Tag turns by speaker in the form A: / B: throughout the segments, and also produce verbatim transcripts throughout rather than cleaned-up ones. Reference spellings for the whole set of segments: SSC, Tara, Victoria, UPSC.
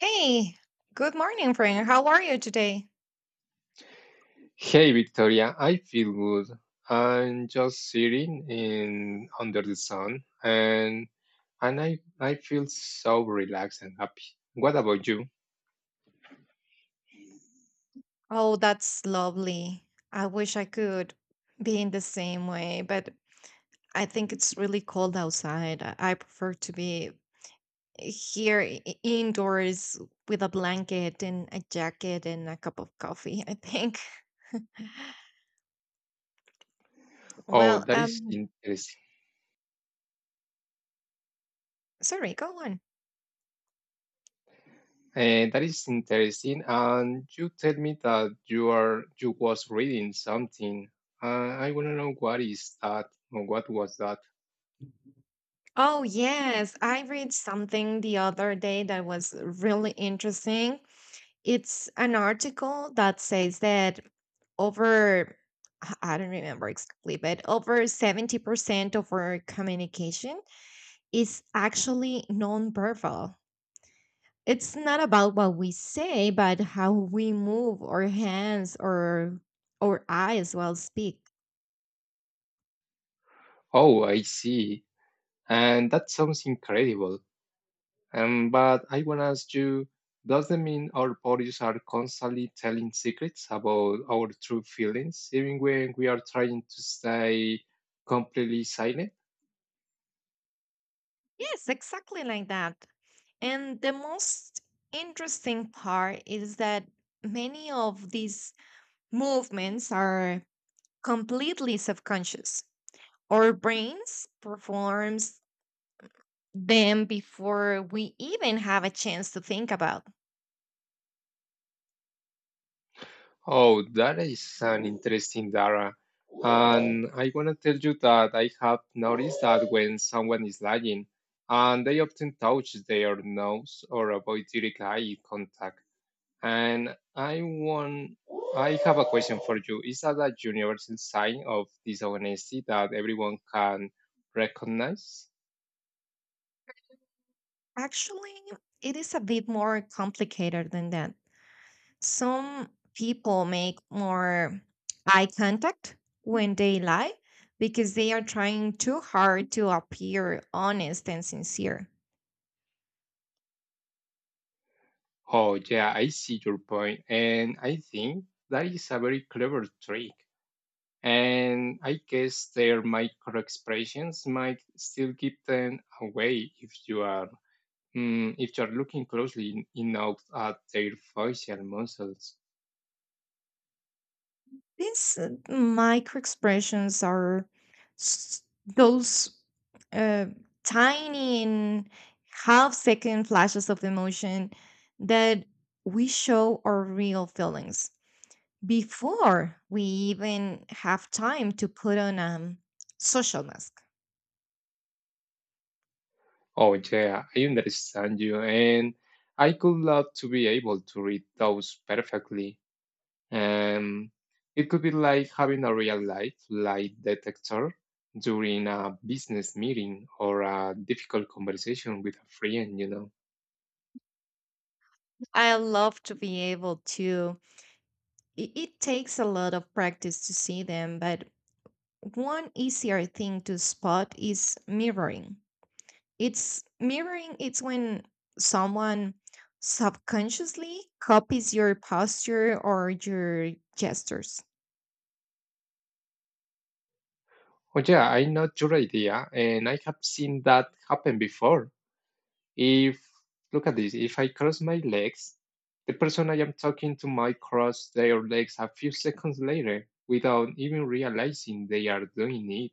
A: Hey, good morning, friend. How are you today?
B: Hey Victoria, I feel good. I'm just sitting in under the sun and and I I feel so relaxed and happy. What about you?
A: Oh, that's lovely. I wish I could be in the same way, but I think it's really cold outside. I I prefer to be here i- i- indoors with a blanket and a jacket and a cup of coffee, I think.
B: Oh,
A: Well,
B: that is
A: um,
B: interesting.
A: Sorry, go on.
B: Eh, that is interesting. And you tell me that you are you was reading something. Uh, I want to know what is that or what was that?
A: Oh, yes, I read something the other day that was really interesting. It's an article that says that over I I don't remember exactly, but over seventy percent of our communication is actually nonverbal. It's not about what we say, but how we move our hands or our eyes while speak.
B: Oh, I see. And that sounds incredible. Um, but I want to ask you, does that mean our bodies are constantly telling secrets about our true feelings, even when we are trying to stay completely silent?
A: Yes, exactly like that. And the most interesting part is that many of these movements are completely subconscious. Our brains performs them before we even have a chance to think about.
B: Oh, that is an interesting data. And I want to tell you that I have noticed that when someone is lying, and they often touch their nose or avoid direct eye contact. And I want, I have a question for you. Is that a universal sign of dishonesty that everyone can recognize?
A: Actually, it is a bit more complicated than that. Some people make more eye contact when they lie because they are trying too hard to appear honest and sincere.
B: Oh, yeah, I see your point, and I think that is a very clever trick. And I guess their micro expressions might still give them away if you are, mm, if you are looking closely enough at their facial muscles.
A: These uh, micro expressions are s- those uh, tiny and half second flashes of emotion that we show our real feelings before we even have time to put on a social mask.
B: Oh, yeah, I understand you, and I could love to be able to read those perfectly. Um, it could be like having a real life lie detector during a business meeting or a difficult conversation with a friend, you know.
A: I love to be able to, it, it takes a lot of practice to see them, but one easier thing to spot is mirroring. It's mirroring, it's when someone subconsciously copies your posture or your gestures.
B: Oh, yeah, I know your idea, and I have seen that happen before. If, Look at this, if I cross my legs, the person I am talking to might cross their legs a few seconds later without even realizing they are doing it.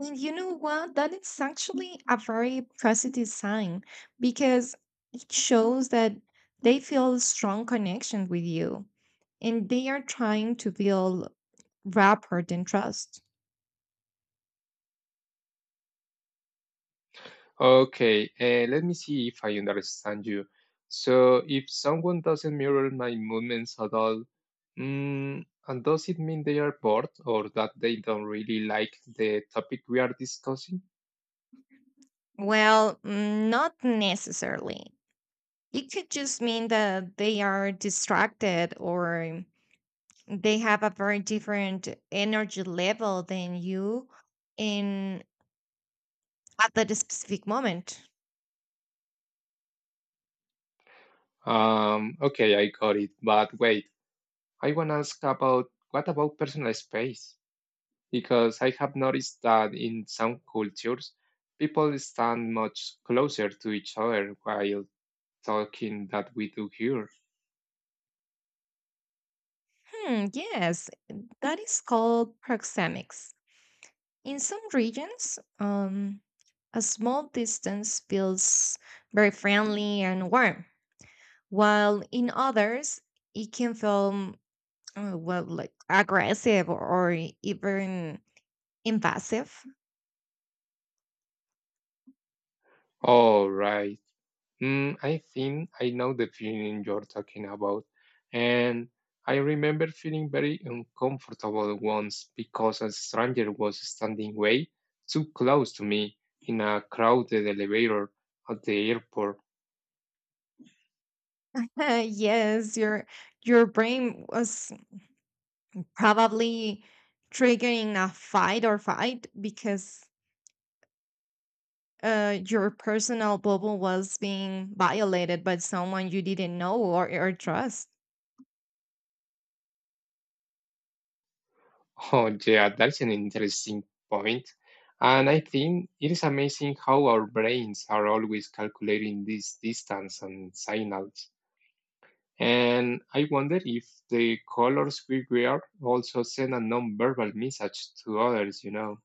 A: And you know what? That is actually a very positive sign because it shows that they feel a strong connection with you and they are trying to build rapport and trust.
B: Okay, uh, let me see if I understand you. So, if someone doesn't mirror my movements at all, mm, and does it mean they are bored or that they don't really like the topic we are discussing?
A: Well, mm, not necessarily. It could just mean that they are distracted or they have a very different energy level than you in at that specific moment.
B: Um, okay, I got it. But wait, I want to ask about, what about personal space? Because I have noticed that in some cultures, people stand much closer to each other while talking than we do here.
A: Hmm, yes, that is called proxemics. In some regions, um, a small distance feels very friendly and warm, while in others, it can feel, uh, well, like aggressive or even invasive.
B: All right. Mm, I think I know the feeling you're talking about. And I remember feeling very uncomfortable once because a stranger was standing way too close to me in a crowded elevator at the airport.
A: Yes, your your brain was probably triggering a fight or fight because uh, your personal bubble was being violated by someone you didn't know or, or trust.
B: Oh, yeah, that's an interesting point. And I think it is amazing how our brains are always calculating this distance and signals. And I wonder if the colors we wear also send a non-verbal message to others, you know.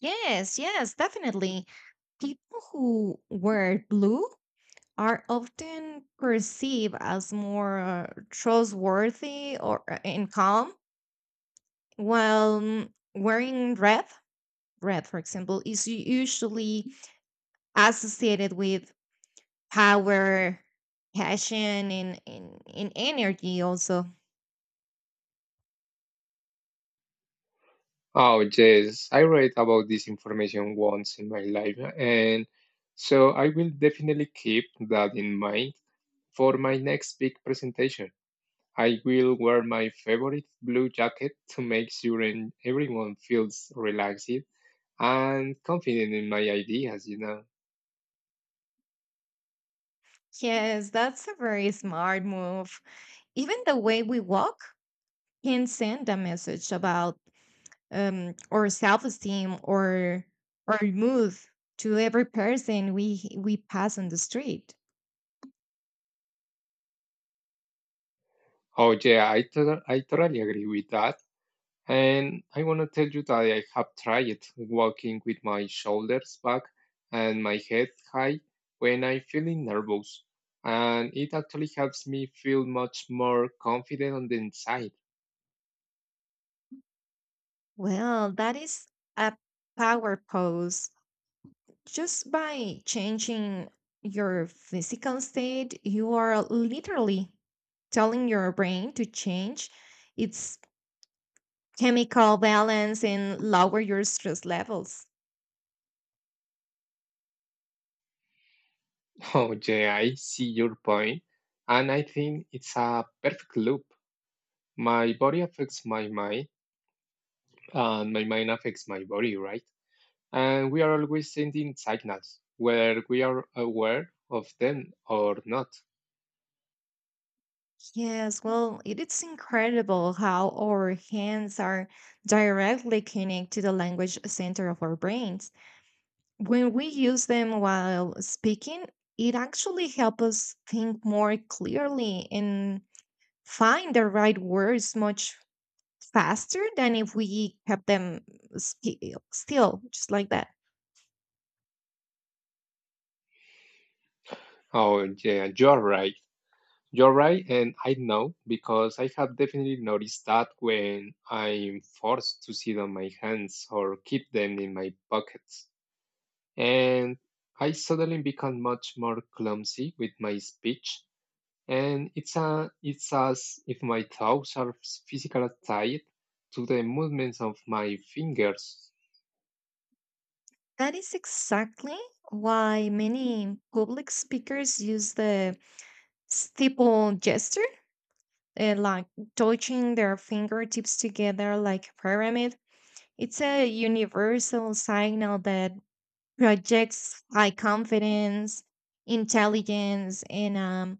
A: Yes, yes, definitely. People who wear blue are often perceived as more uh, trustworthy or uh, and calm, while mm, wearing red, red, for example, is u- usually associated with power, passion, and, and, and energy also.
B: Oh, yes, I read about this information once in my life, and so I will definitely keep that in mind for my next big presentation. I will wear my favorite blue jacket to make sure en- everyone feels relaxed and confident in my ideas, you know.
A: Yes, that's a very smart move. Even the way we walk can send a message about um, or self-esteem or or move to every person we we pass on the street.
B: Oh, yeah, I, tot- I totally agree with that. And I want to tell you that I have tried walking with my shoulders back and my head high when I'm feeling nervous. And it actually helps me feel much more confident on the inside.
A: Well, that is a power pose. Just by changing your physical state, you are literally telling your brain to change its chemical balance and lower your stress levels.
B: Oh, yeah, I see your point. And I think it's a perfect loop. My body affects my mind, and my mind affects my body, right? And we are always sending signals, whether we are aware of them or not.
A: Yes, well, it is incredible how our hands are directly connected to the language center of our brains. When we use them while speaking, it actually helps us think more clearly and find the right words much faster than if we kept them sti- still, just like that.
B: Oh, yeah, you're right. You're right, and I know because I have definitely noticed that when I'm forced to sit on my hands or keep them in my pockets. And I suddenly become much more clumsy with my speech and it's a, it's as if my thoughts are physically tied to the movements of my fingers.
A: That is exactly why many public speakers use the steeple gesture, uh, like touching their fingertips together like a pyramid. It's a universal signal that projects high confidence, intelligence, and um,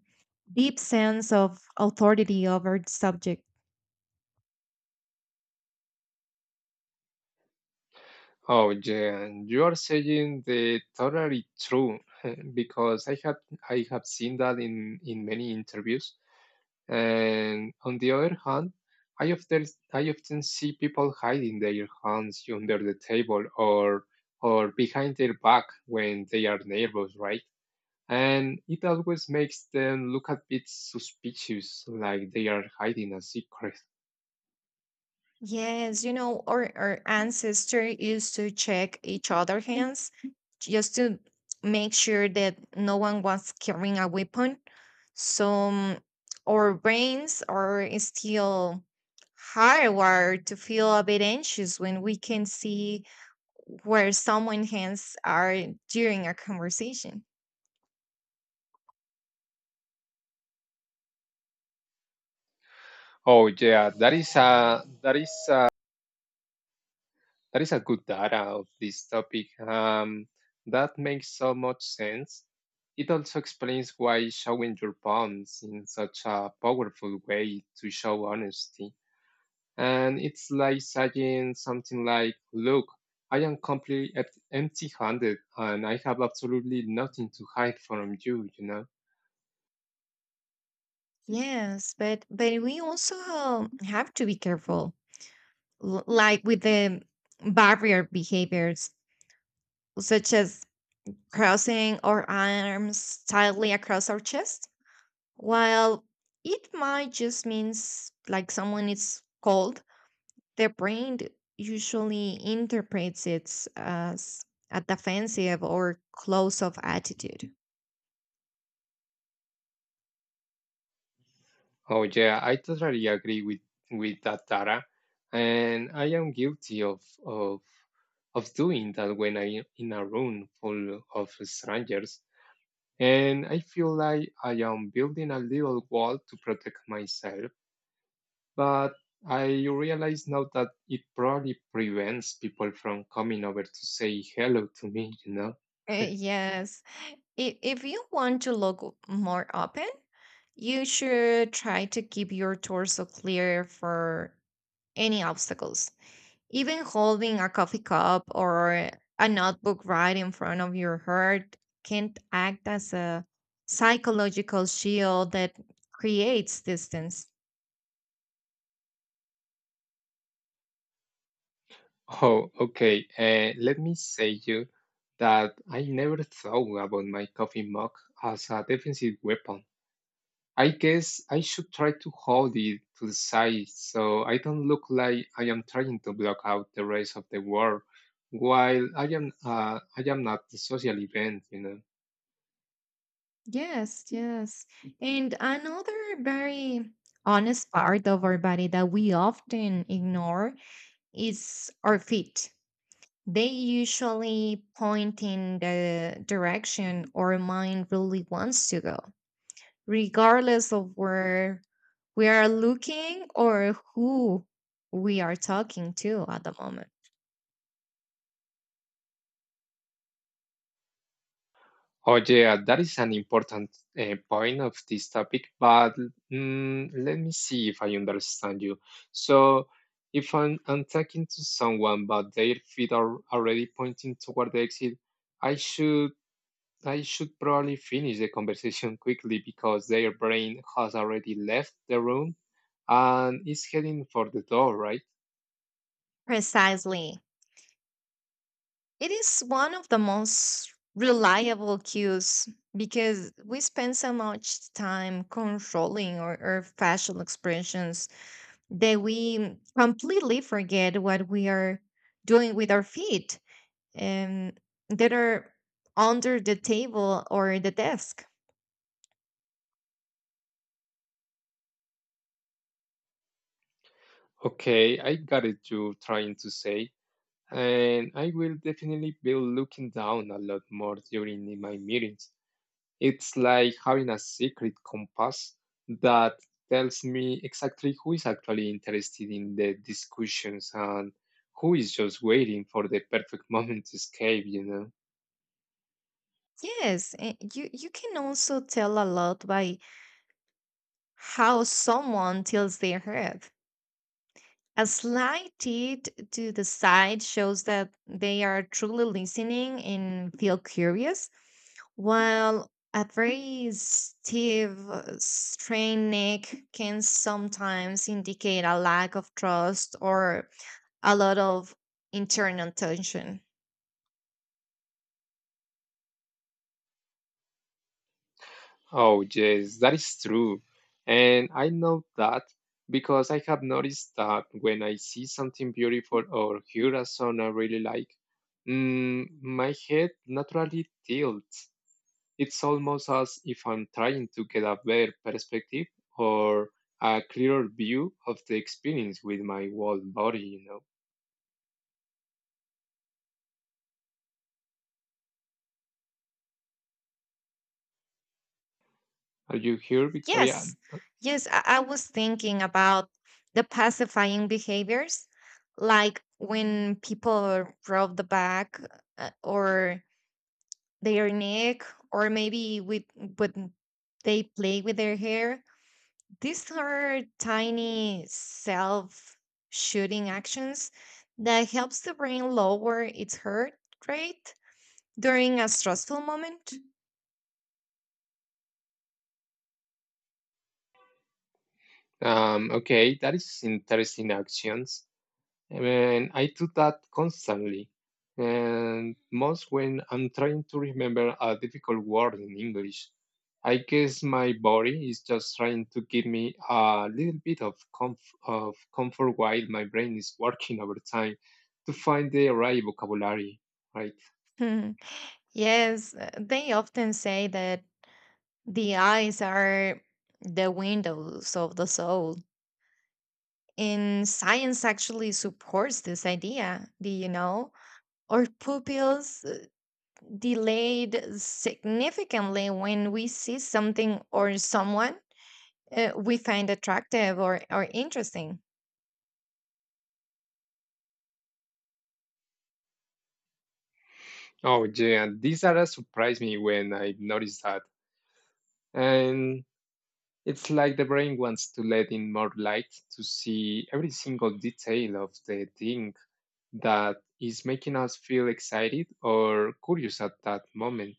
A: deep sense of authority over the subject.
B: Oh, yeah, you are saying the totally true, because I have I have seen that in in many interviews. And on the other hand, I often I often see people hiding their hands under the table or or behind their back when they are nervous, right? And it always makes them look a bit suspicious, like they are hiding a secret.
A: Yes, you know, our, our ancestor used to check each other's hands just to make sure that no one was carrying a weapon. So um, our brains are still hardwired to feel a bit anxious when we can see where someone's hands are during a conversation.
B: Oh yeah, that is a that is a, that is a good data of this topic. Um, that makes so much sense. It also explains why showing your palms in such a powerful way to show honesty. And it's like saying something like, "Look, I am completely empty-handed, and I have absolutely nothing to hide from you," you know.
A: Yes, but but we also have to be careful, l- like with the barrier behaviors such as crossing our arms tightly across our chest. While it might just means like someone is cold, their brain d- usually interprets it as a defensive or close off attitude.
B: Oh yeah, I totally agree with with that Tara, and I am guilty of of of doing that when I am in a room full of strangers, and I feel like I am building a little wall to protect myself. But I realize now that it probably prevents people from coming over to say hello to me, you know.
A: Uh, yes. I- If you want to look more open, you should try to keep your torso clear for any obstacles. Even holding a coffee cup or a notebook right in front of your heart can act as a psychological shield that creates distance.
B: Oh, okay. Uh, let me say you that I never thought about my coffee mug as a defensive weapon. I guess I should try to hold it to the side so I don't look like I am trying to block out the rest of the world while I am uh, I am at the social event, you know.
A: Yes, yes. And another very honest part of our body that we often ignore is our feet. They usually point in the direction our mind really wants to go, regardless of where we are looking or who we are talking to at the moment.
B: Oh, yeah, that is an important uh, point of this topic, but mm, let me see if I understand you. So, if I'm, I'm talking to someone, but their feet are already pointing toward the exit, I should I should probably finish the conversation quickly because their brain has already left the room and is heading for the door, right?
A: Precisely. It is one of the most reliable cues because we spend so much time controlling our, our facial expressions that we completely forget what we are doing with our feet and that are under the table or the desk.
B: Okay, I got it. You trying to say. And I will definitely be looking down a lot more during my meetings. It's like having a secret compass that tells me exactly who is actually interested in the discussions and who is just waiting for the perfect moment to escape, you know.
A: Yes, eh, you you can also tell a lot by how someone tilts their head. A slight tilt to the side shows that they are truly listening and feel curious, while a very stiff, uh, strained neck can sometimes indicate a lack of trust or a lot of internal tension.
B: Oh, yes, that is true. And I know that because I have noticed that when I see something beautiful or hear a song I really like, mm, my head naturally tilts. It's almost as if I'm trying to get a better perspective or a clearer view of the experience with my whole body, you know. Are you here, Victoria?
A: Yes, yes, I, I was thinking about the pacifying behaviors, like when people rub the back uh, or their neck, or maybe with when they play with their hair. These are tiny self-shooting actions that helps the brain lower its heart rate during a stressful moment.
B: Um, okay, that is interesting actions. And I do that constantly. And most when I'm trying to remember a difficult word in English, I guess my body is just trying to give me a little bit of, comf- of comfort while my brain is working overtime to find the right vocabulary, right?
A: Yes, uh, they often say that the eyes are the windows of the soul. And science actually supports this idea. Do you know? Our pupils uh, delayed significantly when we see something or someone uh, we find attractive or, or interesting.
B: Oh, yeah, these are a surprise me when I noticed that. And it's like the brain wants to let in more light to see every single detail of the thing that is making us feel excited or curious at that moment.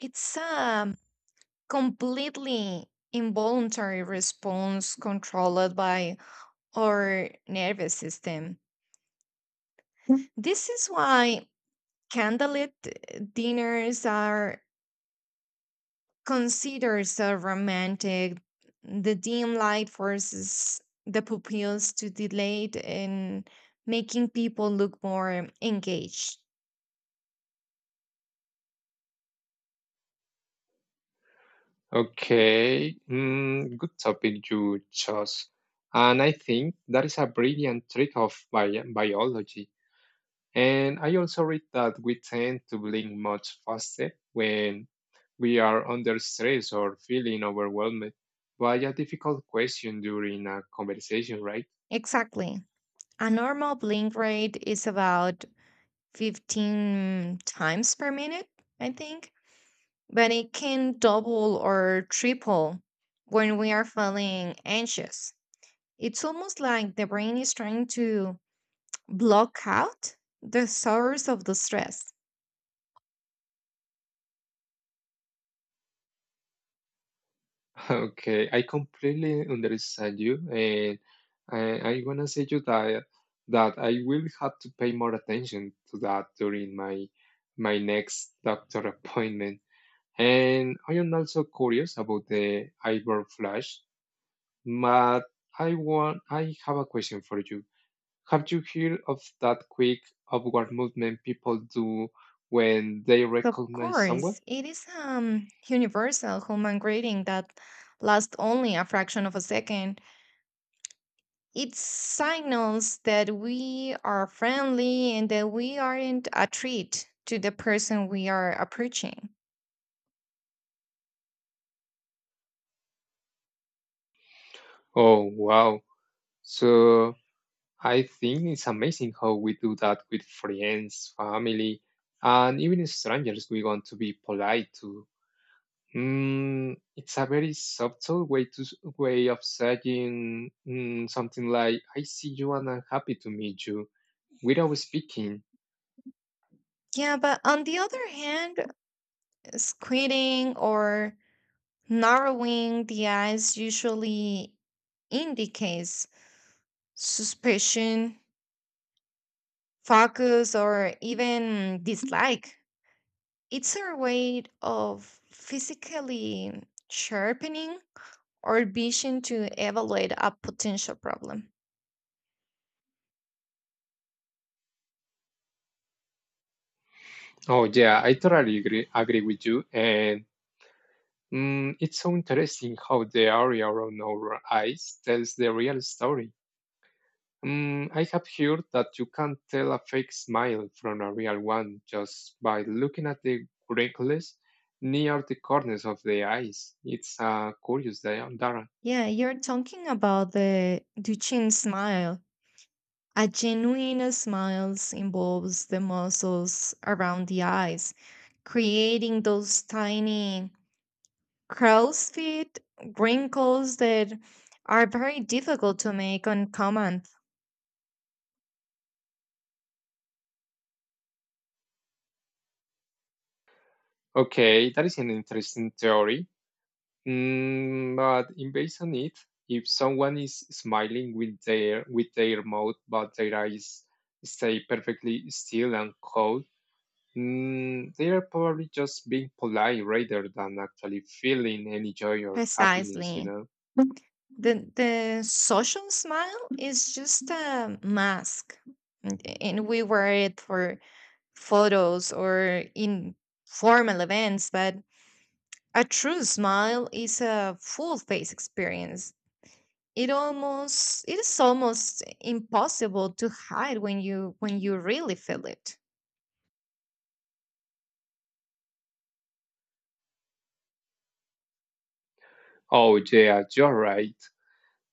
A: It's a completely involuntary response controlled by our nervous system. This is why candlelit dinners are considered so romantic. The dim light forces the pupils to dilate and making people look more engaged.
B: Okay, mm, good topic you chose. And I think that is a brilliant trick of bi- biology. And I also read that we tend to blink much faster when we are under stress or feeling overwhelmed by a difficult question during a conversation, right?
A: Exactly. A normal blink rate is about fifteen times per minute, I think, but it can double or triple when we are feeling anxious. It's almost like the brain is trying to block out the source of the stress.
B: Ah, okay, I completely understand you, and I, I wanna say you that that I will have to pay more attention to that during my my next doctor appointment. And I am also curious about the eyebrow flash, but I want I have a question for you. Have you heard of that quick upward movement people do when they
A: Of
B: recognize someone?
A: course, it is um universal human greeting that lasts only a fraction of a second. It signals that we are friendly and that we aren't a treat to the person we are approaching.
B: Oh wow! So, I think it's amazing how we do that with friends, family, and even strangers we want to be polite to. Mm, it's a very subtle way to s- way of saying, mm, something like, "I see you and I'm happy to meet you," without speaking.
A: Yeah, but on the other hand, squinting or narrowing the eyes usually indicates suspicion focus, or even dislike. It's our way of physically sharpening our vision to evaluate a potential problem.
B: Oh yeah, I totally agree, agree with you. And mm, it's so interesting how the area around our eyes tells the real story. Mm, I have heard that you can tell a fake smile from a real one just by looking at the wrinkles near the corners of the eyes. It's a curious diorama.
A: Yeah, you're talking about the Duchenne smile. A genuine smile involves the muscles around the eyes, creating those tiny crow's feet wrinkles that are very difficult to make on command.
B: Okay, that is an interesting theory. Mm, but in based on it, if someone is smiling with their with their mouth but their eyes stay perfectly still and cold, mm, they are probably just being polite rather than actually feeling any joy or happiness, you
A: Precisely.
B: know.
A: The the social smile is just a mask, and and we wear it for photos or in formal events, but a true smile is a full face experience. It almost it is almost impossible to hide when you when you really feel it.
B: Oh, yeah, you're right.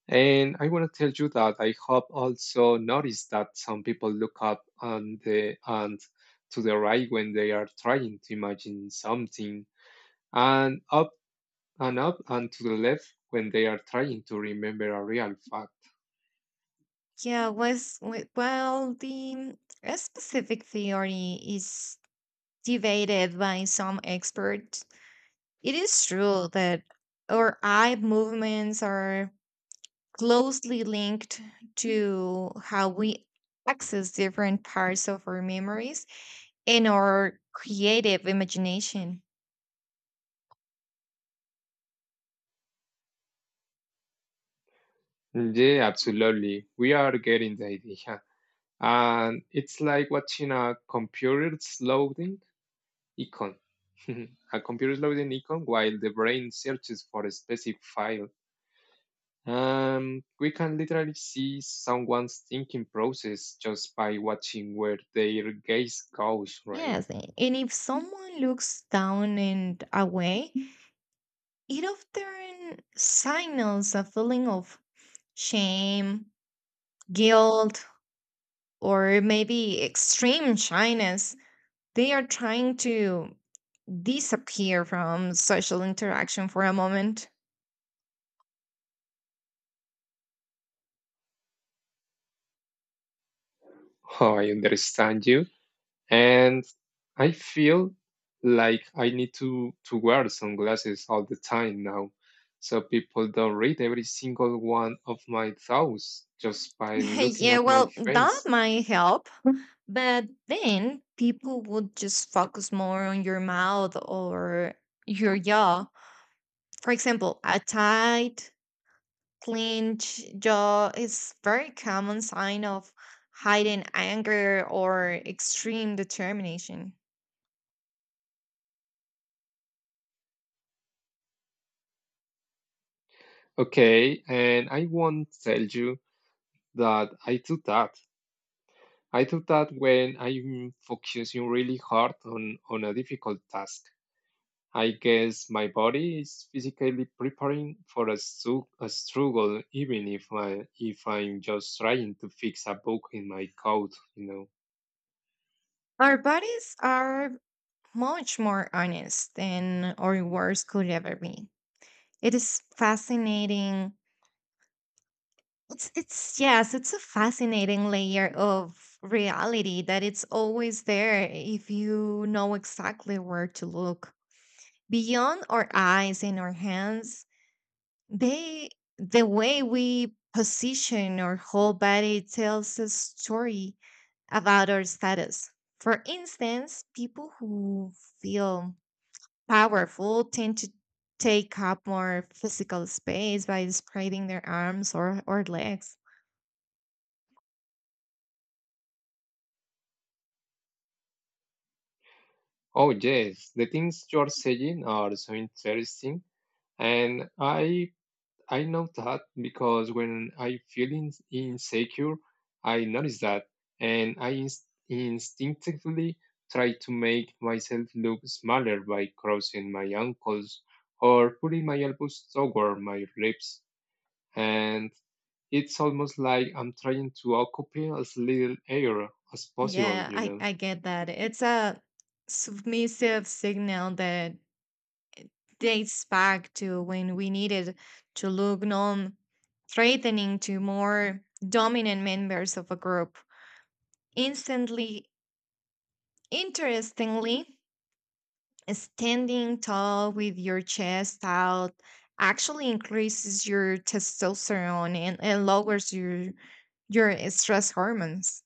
B: And I want to tell you that I have also noticed that some people look up on the and to the right when they are trying to imagine something, and up and up and to the left when they are trying to remember a real fact.
A: Yeah, was we- well, the a specific theory is debated by some experts. It is true that our eye movements are closely linked to how we access different parts of our memories and our creative imagination.
B: Yeah, absolutely. We are getting the idea. And it's like watching a computer's loading icon. A computer's loading icon while the brain searches for a specific file. Um, we can literally see someone's thinking process just by watching where their gaze goes, right?
A: Yes, a- and if someone looks down and away, it often signals a feeling of shame, guilt, or maybe extreme shyness. They are trying to disappear from social interaction for a moment.
B: Oh, I understand you. And I feel like I need to to wear sunglasses all the time now, so people don't read every single one of my thoughts just by looking
A: Yeah,
B: at my
A: well, that
B: face.
A: might help, but then people would just focus more on your mouth or your jaw. For example, a tight, clenched jaw is very common sign of hidden anger or extreme determination.
B: Okay, and I won't tell you that I do that. I do that when I'm focusing really hard on on a difficult task. I guess my body is physically preparing for a, stru- a struggle, even if I if I'm just trying to fix a book in my coat, you know.
A: Our bodies are much more honest than our words could ever be. It is fascinating. It's it's yes, it's a fascinating layer of reality that it's always there if you know exactly where to look. Beyond our eyes and our hands, they the way we position our whole body tells a story about our status. For instance, people who feel powerful tend to take up more physical space by spreading their arms or, or legs.
B: Oh yes, the things you're saying are so interesting, and I I know that because when I feel in, insecure, I notice that and I inst- instinctively try to make myself look smaller by crossing my ankles or putting my elbows toward my ribs. And it's almost like I'm trying to occupy as little air as possible,
A: Yeah,
B: you
A: I,
B: know.
A: I get that. It's a submissive signal that dates back to when we needed to look non threatening to more dominant members of a group. Instantly, interestingly, standing tall with your chest out actually increases your testosterone and, and lowers your your eh, stress hormones.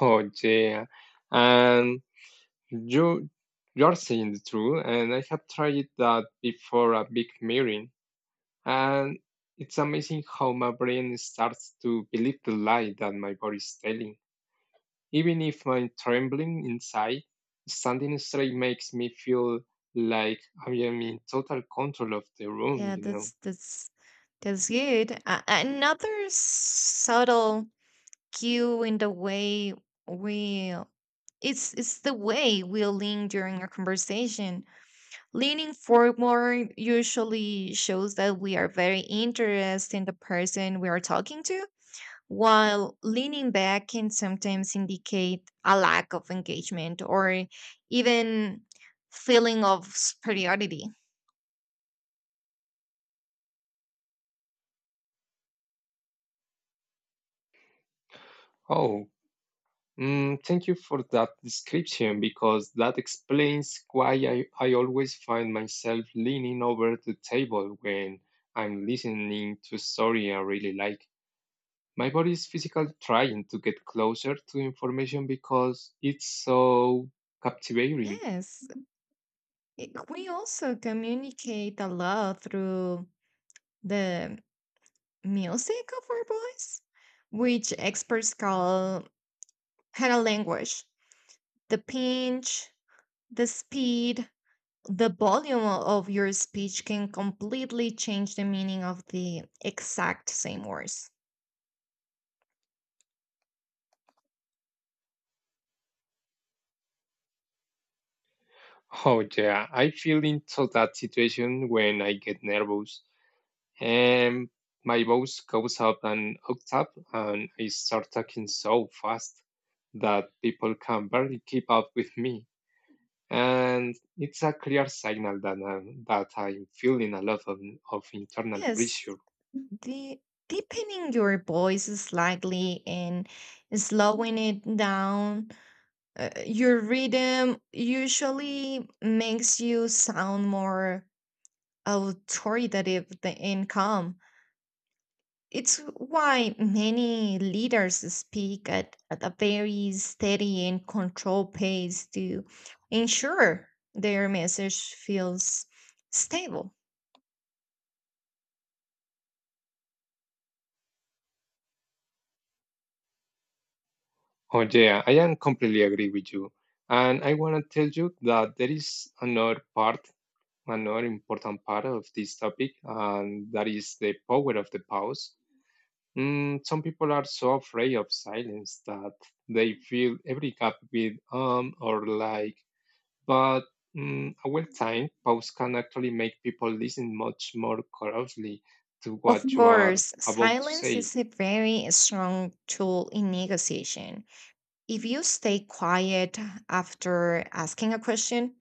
B: Oh yeah, and you you're saying the truth, and I have tried that before a big mirror. And it's amazing how my brain starts to believe the lie that my body is telling. Even if I'm trembling inside, standing straight makes me feel like I am in total control of the room,
A: Yeah,
B: you know.
A: that's that's that's good. A- another subtle cue in the way we it's it's the way we lean during a conversation. Leaning forward usually shows that we are very interested in the person we are talking to while leaning back can sometimes indicate a lack of engagement or even feeling of superiority.
B: Oh, mm, thank you for that description because that explains why I, I always find myself leaning over the table when I'm listening to a story I really like. My body is physically trying to get closer to information because it's so captivating.
A: Yes, i- we also communicate a lot through the music of our voice, which experts call paralanguage. The pitch, the speed, the volume of your speech can completely change the meaning of the exact same words.
B: Oh, yeah, I feel into that situation when I get nervous. And my voice goes up an octave and I start talking so fast that people can barely keep up with me. And it's a clear signal that, I'm, that I'm feeling a lot of, of internal
A: Yes,
B: pressure.
A: the deepening your voice slightly and slowing it down, uh, your rhythm usually makes you sound more authoritative th- and calm. It's why many leaders speak at, at a very steady and controlled pace to ensure their message feels stable.
B: Oh, yeah, I am completely agree with you. And I want to tell you that there is another part, another important part of this topic, and that is the power of the pause. Mm, some people are so afraid of silence that they fill every gap with um or like, but mm, a well timed pause can actually make people listen much more closely to
A: Of
B: what you are
A: course,
B: about to
A: silence
B: say.
A: is a very strong tool in negotiation. If you stay quiet after asking a question,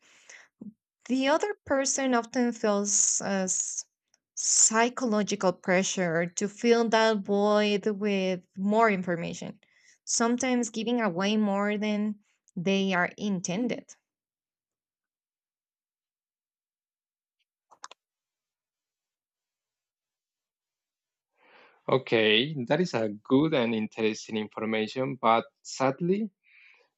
A: the other person often feels uh, s- psychological pressure to fill that void with more information, sometimes giving away more than they are intended.
B: Okay, that is a good and interesting information, but sadly,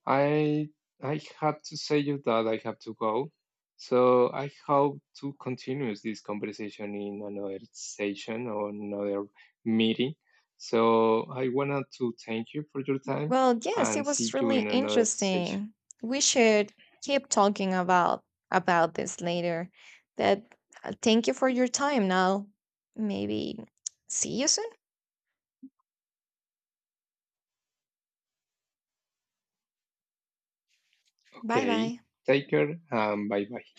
B: I I have to say you that I have to go. So I hope to continue this conversation in another session or another meeting. So I wanted to thank you for your time
A: Well, yes, it
B: and
A: was
B: see you
A: really
B: in another session.
A: interesting. We should keep talking about about this later. That uh, thank you for your time now. Maybe see you soon. Bye
B: Okay,
A: bye.
B: take care and bye bye.